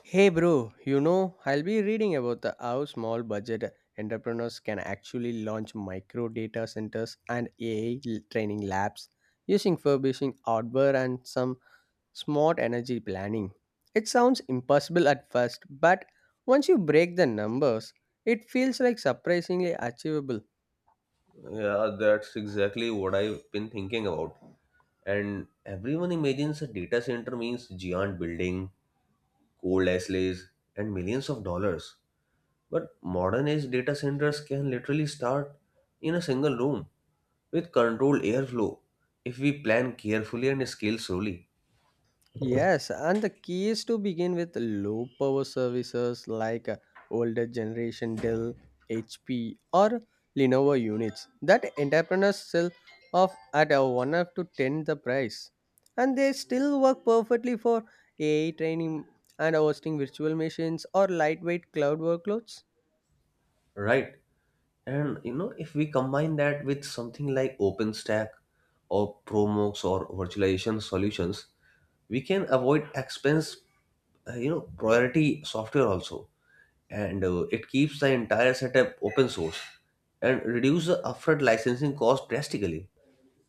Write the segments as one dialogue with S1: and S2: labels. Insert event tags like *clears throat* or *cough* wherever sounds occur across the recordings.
S1: Hey bro, I'll be reading about how small budget entrepreneurs can actually launch micro data centers and AI training labs using furbishing hardware and some smart energy planning. It sounds impossible at first, but once you break the numbers, it feels like surprisingly achievable.
S2: Yeah, that's exactly what I've been thinking about. And everyone imagines a data center means giant building, cold Leslie's, and millions of dollars. But modern age data centers can literally start in a single room with controlled airflow if we plan carefully and scale slowly.
S1: Yes, and the key is to begin with low power services like older generation Dell, HP, or Lenovo units that entrepreneurs sell off at a 1 up to 10 the price. And they still work perfectly for AI training and hosting virtual machines or lightweight cloud workloads.
S2: Right? And you know, if we combine that with something like OpenStack or Promox or virtualization solutions, we can avoid expense, priority software also, and it keeps the entire setup open source and reduce the upfront licensing cost drastically.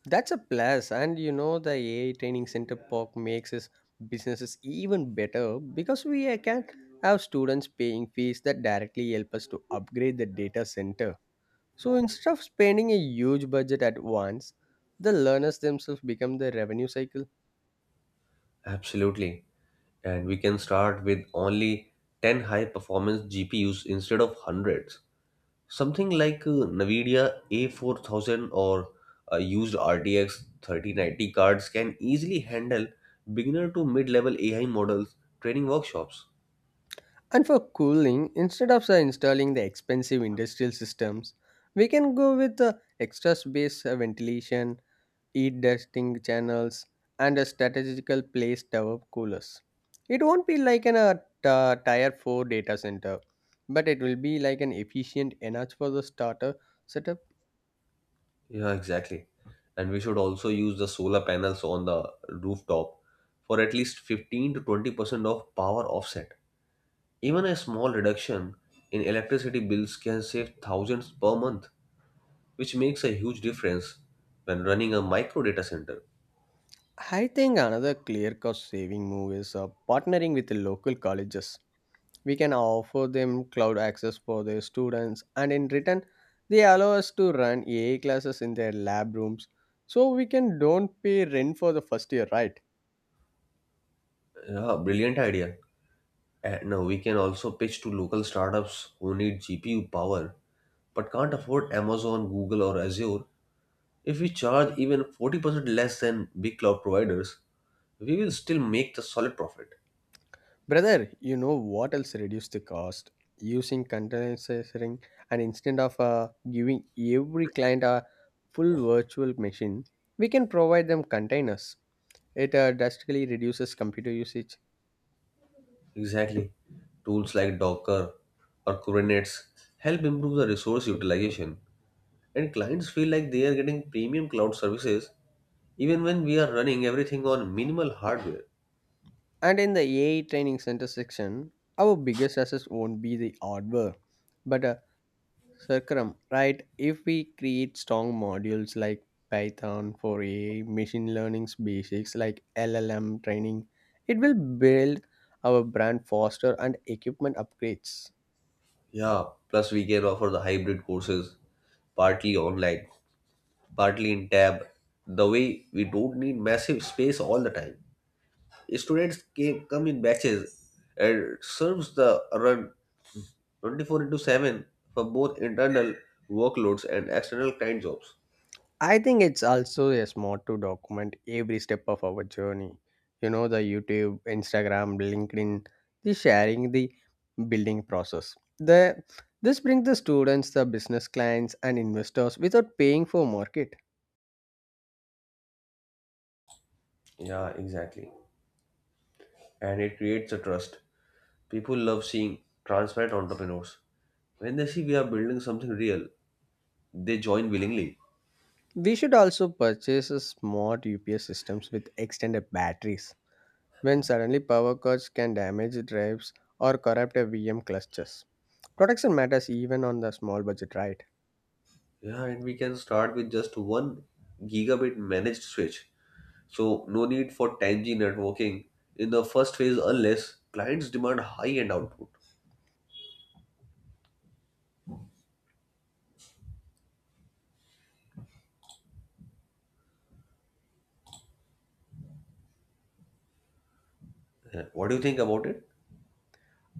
S1: That's a plus, and you know the AI training center POC makes his businesses even better because we can have students paying fees that directly help us to upgrade the data center. So instead of spending a huge budget at once, the learners themselves become the revenue cycle.
S2: Absolutely, and we can start with only 10 high performance GPUs instead of hundreds. Something like NVIDIA A4000 or used RTX 3090 cards can easily handle beginner to mid level AI models training workshops.
S1: And for cooling, instead of installing the expensive industrial systems, we can go with the extra space ventilation heat testing channels, and a strategical place tower coolers. It won't be like an tier 4 data center, but it will be like an efficient enough for the starter setup.
S2: Yeah, exactly. And we should also use the solar panels on the rooftop for at least 15 to 20% of power offset. Even a small reduction in electricity bills can save thousands per month, which makes a huge difference when running a micro data center.
S1: I think another clear cost saving move is partnering with the local colleges. We can offer them cloud access for their students, and in return, they allow us to run AI classes in their lab rooms so we can don't pay rent for the first year, right?
S2: Yeah, brilliant idea. And no, we can also pitch to local startups who need GPU power but can't afford Amazon, Google, or Azure. If we charge even 40% less than big cloud providers, we will still make the solid profit.
S1: Brother, you know what else reduce the cost? Using containerizing and instead of giving every client a full virtual machine, we can provide them containers. It drastically reduces computer usage.
S2: Exactly. Tools like Docker or Kubernetes help improve the resource utilization, and clients feel like they are getting premium cloud services even when we are running everything on minimal hardware.
S1: And in the AI training center section, our biggest assets won't be the hardware, but Circum, right? If we create strong modules like Python for AI, machine learning's basics like LLM training, it will build our brand faster and equipment upgrades.
S2: Yeah, plus we can offer the hybrid courses, partly online, partly in tab. The way we don't need massive space all the time. Come in batches and serves the run 24 into 7 for both internal workloads and external client jobs.
S1: I think it's also a smart to document every step of our journey. The YouTube, Instagram, LinkedIn, the sharing, the building process. The this brings the students, the business clients, and investors without paying for market.
S2: Yeah, exactly. And it creates a trust. People love seeing transparent entrepreneurs. When they see we are building something real, they join willingly.
S1: We should also purchase a smart UPS systems with extended batteries when suddenly power cuts can damage drives or corrupt a VM clusters. Protection matters even on the small budget, right?
S2: Yeah, and we can start with just one gigabit managed switch. So no need for 10G networking in the first phase unless clients demand high-end output. Yeah, what do you think about it?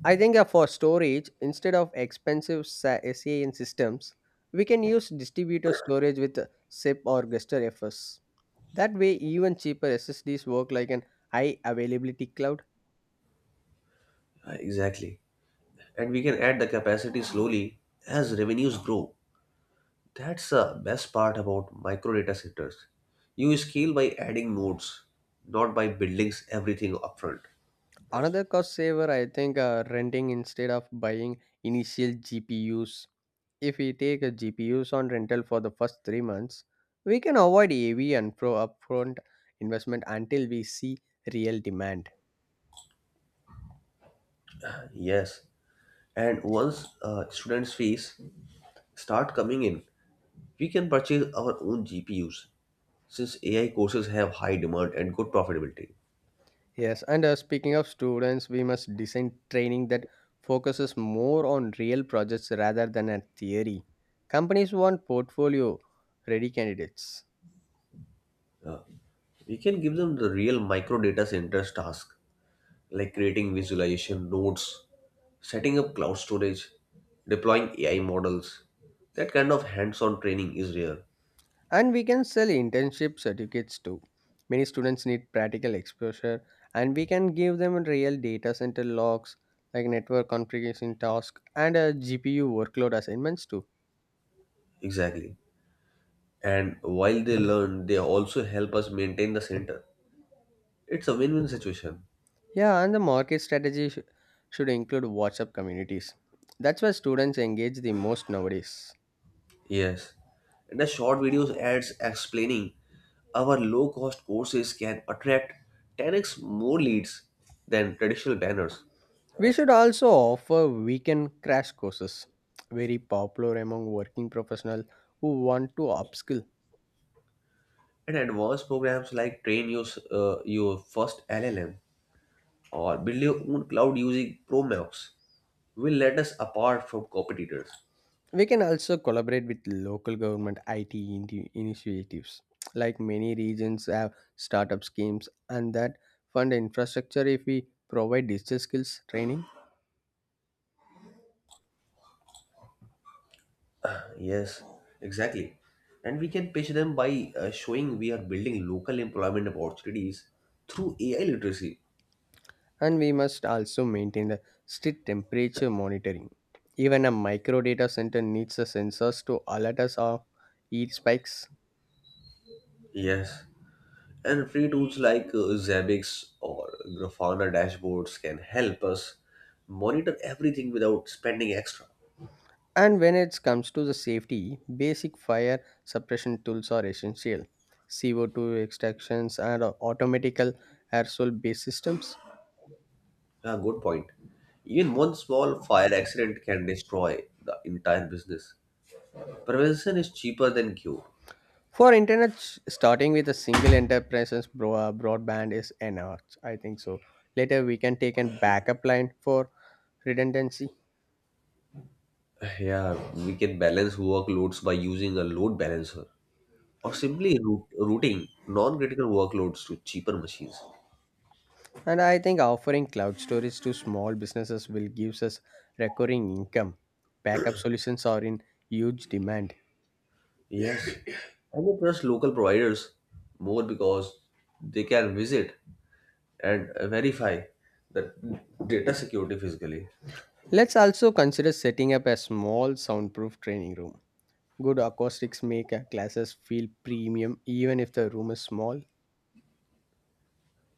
S1: I think for storage, instead of expensive SAN systems, we can use distributor storage with SIP or Guster FS. That way, even cheaper SSDs work like an high availability cloud.
S2: Yeah, exactly. And we can add the capacity slowly as revenues grow. That's the best part about micro data centers. You scale by adding nodes, not by building everything upfront.
S1: Another cost saver, I think, renting instead of buying initial GPUs. If we take a GPUs on rental for the first 3 months, we can avoid AV and pro upfront investment until we see real demand.
S2: Yes. And once students' fees start coming in, we can purchase our own GPUs since AI courses have high demand and good profitability.
S1: Yes, and speaking of students, we must design training that focuses more on real projects rather than a theory. Companies want portfolio ready candidates.
S2: We can give them the real micro data centers task, like creating visualization nodes, setting up cloud storage, deploying AI models. That kind of hands on training is rare.
S1: And we can sell internship certificates too. Many students need practical exposure, and we can give them real data center logs like network configuration tasks and a GPU workload assignments too.
S2: Exactly. And while they learn, they also help us maintain the center. It's a win win situation.
S1: Yeah, and the market strategy should include WhatsApp communities. That's where students engage the most nowadays.
S2: Yes. And the short videos ads explaining our low cost courses can attract 10x more leads than traditional banners.
S1: We should also offer weekend crash courses, very popular among working professionals who want to upskill.
S2: And advanced programs like train your first LLM or build your own cloud using Promox will let us apart from competitors.
S1: We can also collaborate with local government IT initiatives. Like many regions have startup schemes and that fund infrastructure if we provide digital skills training.
S2: Yes, exactly. And we can pitch them by showing we are building local employment opportunities through AI literacy.
S1: And we must also maintain the strict temperature monitoring. Even a micro data center needs the sensors to alert us of heat spikes.
S2: Yes. And free tools like Zabbix or Grafana dashboards can help us monitor everything without spending extra.
S1: And when it comes to the safety, basic fire suppression tools are essential. CO2 extractions and automatical aerosol based systems.
S2: Yeah, good point. Even one small fire accident can destroy the entire business. Prevention is cheaper than cure.
S1: For internet, starting with a single enterprise's broadband is enough. I think so. Later, we can take a backup line for redundancy.
S2: *sighs* Yeah, we can balance workloads by using a load balancer or simply routing non critical workloads to cheaper machines.
S1: And I think offering cloud storage to small businesses will give us recurring income. Backup solutions are in huge demand.
S2: Yes, I would trust local providers more because they can visit and verify the data security physically.
S1: Let's also consider setting up a small soundproof training room. Good acoustics make classes feel premium even if the room is small.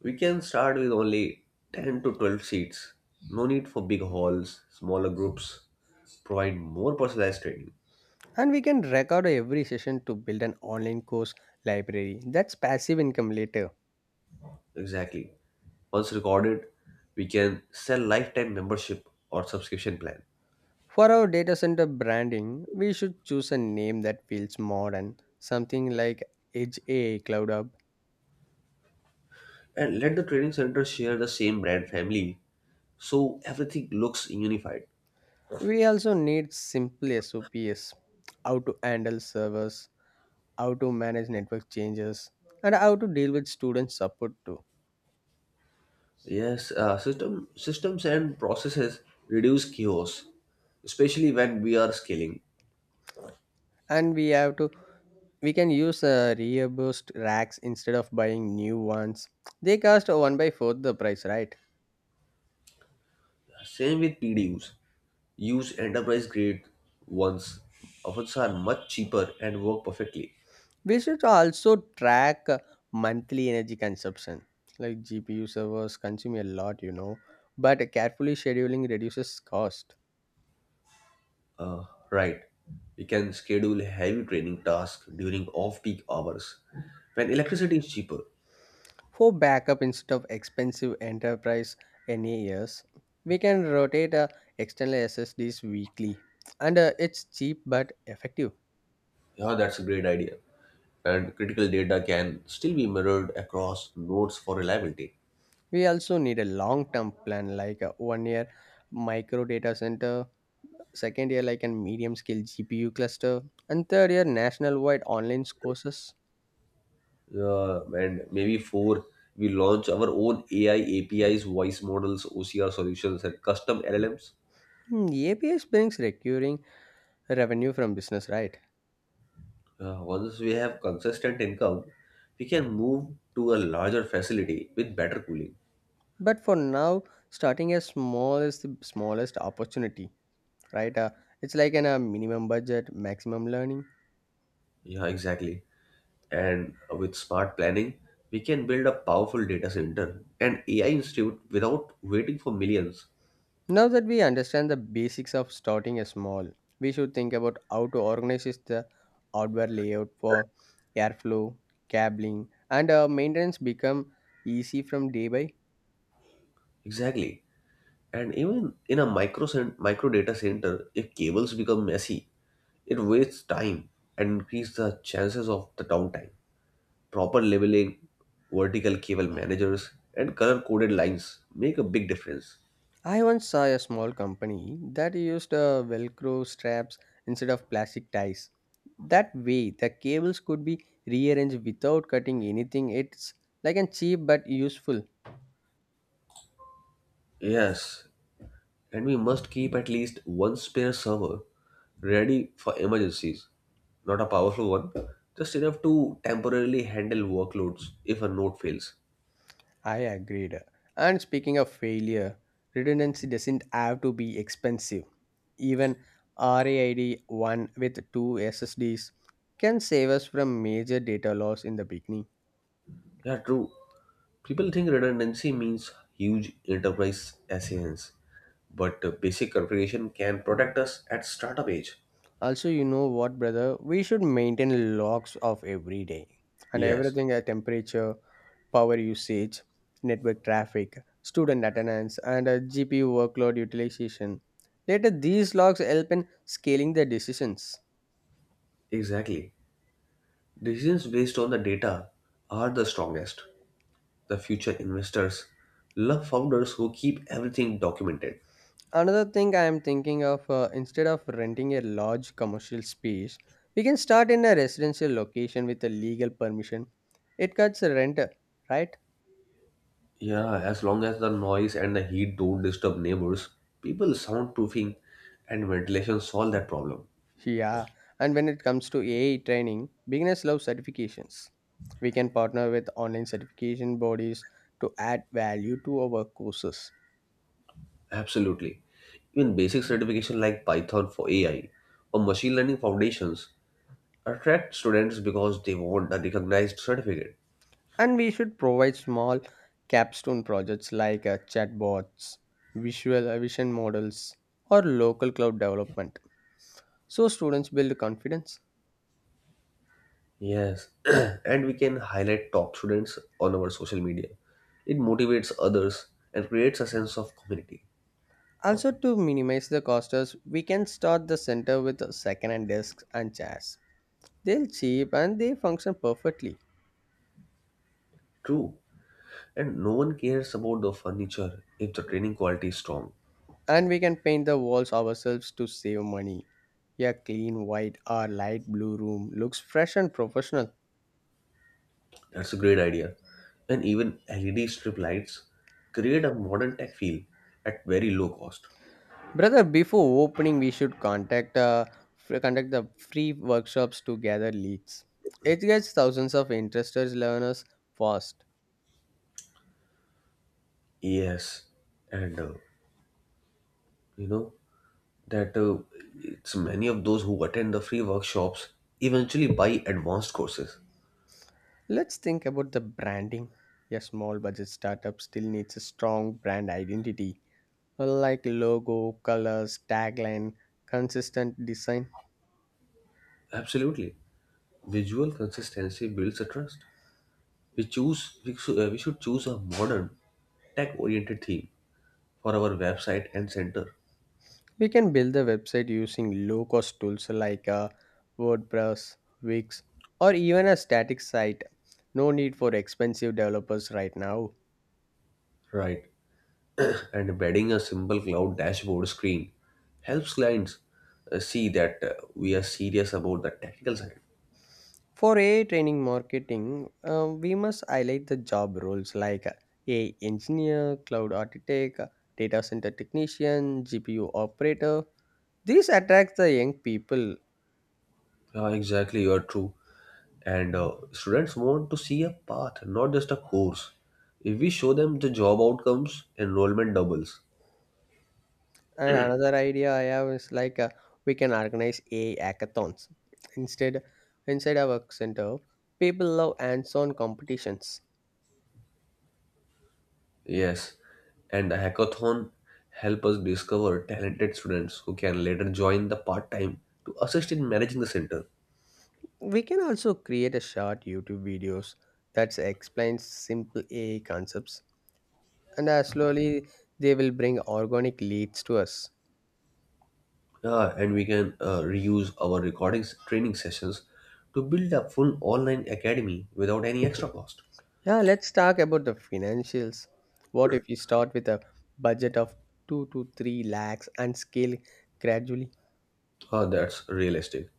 S2: We can start with only 10 to 12 seats. No need for big halls, smaller groups provide more personalized training.
S1: And we can record every session to build an online course library. That's passive income later.
S2: Exactly. Once recorded, we can sell lifetime membership or subscription plan.
S1: For our data center branding, we should choose a name that feels modern, something like Edge AI Cloud Hub.
S2: And let the training center share the same brand family so everything looks unified.
S1: We also need simple SOPs how to handle servers, how to manage network changes, and how to deal with student support too.
S2: Yes, systems and processes reduce chaos, especially when we are scaling.
S1: And we have to we can use reused racks instead of buying new ones. They cost one by fourth the price, right?
S2: Same with PDUs. Use enterprise grade ones. Often are much cheaper and work perfectly.
S1: We should also track monthly energy consumption. Like GPU servers consume a lot, but carefully scheduling reduces cost.
S2: Uh, right. We can schedule heavy training tasks during off-peak hours when electricity is cheaper.
S1: For backup instead of expensive enterprise NAS, we can rotate external SSDs weekly, and it's cheap but effective.
S2: Yeah, that's a great idea. And critical data can still be mirrored across nodes for reliability.
S1: We also need a long-term plan, like a one-year micro data center, second year like a medium-scale GPU cluster, and third year national-wide online courses.
S2: Yeah, and maybe four, we launch our own AI APIs, voice models, OCR solutions, and custom LLMs.
S1: APS brings recurring revenue from business, right?
S2: Once we have consistent income, we can move to a larger facility with better cooling.
S1: But for now, starting as small is the smallest opportunity, right? It's like an a minimum budget, maximum learning.
S2: Yeah, exactly. And with smart planning, we can build a powerful data center and AI institute without waiting for millions.
S1: Now that we understand the basics of starting a small, we should think about how to organize is the hardware layout for airflow, cabling, and maintenance become easy from day by.
S2: Exactly. And even in a micro data center, if cables become messy, it wastes time and increases the chances of the downtime. Proper labeling, vertical cable managers, and color coded lines make a big difference.
S1: I once saw a small company that used Velcro straps instead of plastic ties. That way, the cables could be rearranged without cutting anything. It's like a cheap but useful.
S2: Yes, and we must keep at least one spare server ready for emergencies. Not a powerful one, just enough to temporarily handle workloads if a node fails.
S1: I agreed. And speaking of failure, redundancy doesn't have to be expensive. Even RAID 1 with two SSDs can save us from major data loss in the beginning.
S2: Yeah, true. People think redundancy means huge enterprise assailants, but basic configuration can protect us at startup age.
S1: Also, you know what, brother? We should maintain logs of every day and
S2: Yes,
S1: everything at temperature, power usage, network traffic, student attendance, and GPU workload utilization. Later, these logs help in scaling the decisions.
S2: exactly. Decisions based on the data are the strongest. The future investors love founders who keep everything documented.
S1: Another thing I am thinking of instead of renting a large commercial space, we can start in a residential location with a legal permission. It cuts rent, right?
S2: Yeah, as long as the noise and the heat don't disturb neighbors, people soundproofing and ventilation solve that problem.
S1: Yeah, and when it comes to AI training, beginners love certifications. We can partner with online certification bodies to add value to our courses.
S2: Absolutely. Even basic certification like Python for AI or machine learning foundations attract students because they want a recognized certificate.
S1: And we should provide small capstone projects like chatbots, visual vision models, or local cloud development. So students build confidence.
S2: Yes, *clears throat* and we can highlight top students on our social media. It motivates others and creates a sense of community.
S1: Also, to minimize the costs, we can start the center with second-hand desks and chairs. They're cheap and they function perfectly.
S2: True, and no one cares about the furniture if the training quality is strong.
S1: And we can paint the walls ourselves to save money. A clean white or light blue room looks fresh and professional.
S2: That's a great idea. And even LED strip lights create a modern tech feel at very low cost.
S1: Brother, before opening, we should conduct the free workshops to gather leads. It gets thousands of interested learners fast.
S2: Yes, and you know that it's many of those who attend the free workshops eventually buy advanced courses.
S1: Let's think about the branding. A small budget startup still needs a strong brand identity, like logo, colors, tagline, consistent design.
S2: Absolutely, visual consistency builds a trust. We should choose a modern tech-oriented theme for our website and center.
S1: We can build the website using low cost tools like WordPress, Wix, or even a static site. No need for expensive developers right now.
S2: Right, and embedding a simple cloud dashboard screen helps clients see that we are serious about the technical side.
S1: For AI training marketing, we must highlight the job roles like AI engineer, cloud architect, data center technician, GPU operator. These attract the young people.
S2: Yeah, exactly, you are true. And students want to see a path, not just a course. If we show them the job outcomes, enrollment doubles.
S1: And another idea I have is like we can organize a hackathons instead inside our work center. People love hands-on competitions.
S2: Yes, and the hackathon help us discover talented students who can later join the part time to assist in managing the center.
S1: We can also create a short YouTube videos that explains simple AI concepts, and slowly they will bring organic leads to us.
S2: And we can reuse our recordings training sessions to build a full online academy without any extra cost.
S1: Yeah, let's talk about the financials. What if you start with a budget of 2 to 3 lakhs and scale gradually?
S2: That's realistic.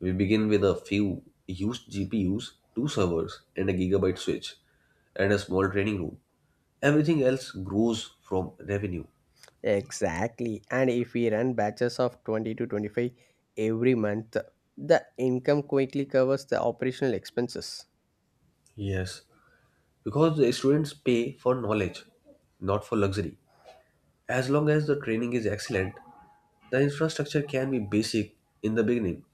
S2: We begin with a few used GPUs, two servers, and a gigabyte switch, and a small training room. Everything else grows from revenue.
S1: Exactly. And if we run batches of 20 to 25 every month, the income quickly covers the operational expenses.
S2: Yes, because the students pay for knowledge, not for luxury. As long as the training is excellent, the infrastructure can be basic in the beginning.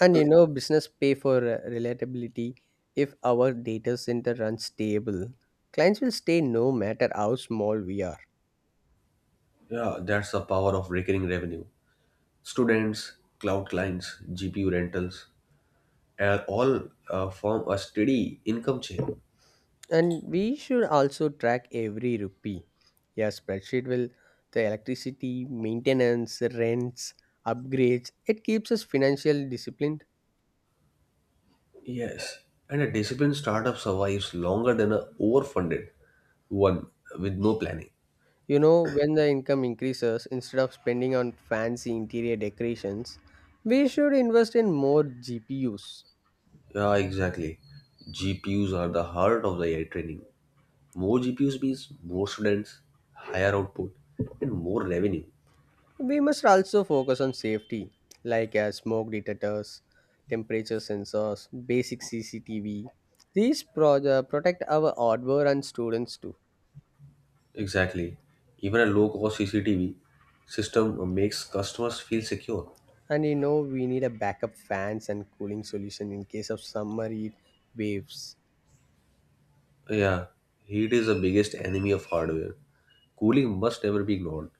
S1: And business pay for relatability. If our data center runs stable, clients will stay no matter how small we are.
S2: Yeah, that's the power of recurring revenue. Students, cloud clients, GPU rentals, all form a steady income chain.
S1: And we should also track every rupee. Yeah, spreadsheet will the electricity, maintenance, rents, upgrades. It keeps us financial disciplined.
S2: Yes, and a disciplined startup survives longer than a overfunded one with no planning.
S1: When the income increases, instead of spending on fancy interior decorations, we should invest in more GPUs.
S2: Yeah, exactly. GPUs are the heart of the AI training. More GPUs means more students, higher output, and more revenue.
S1: We must also focus on safety, like smoke detectors, temperature sensors, basic CCTV. These protect our hardware and students too.
S2: Exactly. Even a low cost CCTV system makes customers feel secure.
S1: And we need a backup fans and cooling solution in case of summer heat waves.
S2: Yeah, heat is the biggest enemy of hardware. Cooling must never be ignored.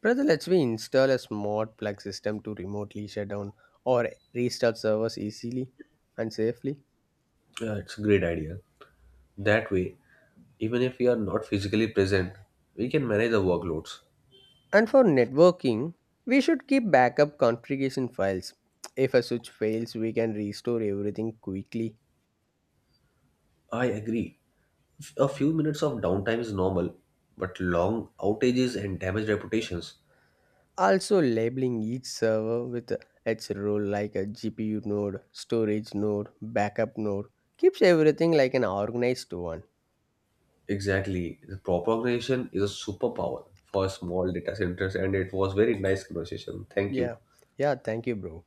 S1: Brother, let's we install a smart plug system to remotely shut down or restart servers easily and safely.
S2: Yeah, it's a great idea. That way, even if we are not physically present, we can manage the workloads.
S1: And for networking, we should keep backup configuration files. If a switch fails, we can restore everything quickly.
S2: I agree. A few minutes of downtime is normal, but long outages and damaged reputations.
S1: Also, labeling each server with its role like a GPU node, storage node, backup node keeps everything like an organized one.
S2: Exactly. The proper organization is a superpower for small data centers, and it was very nice conversation. Thank you.
S1: Yeah, yeah, thank you, bro.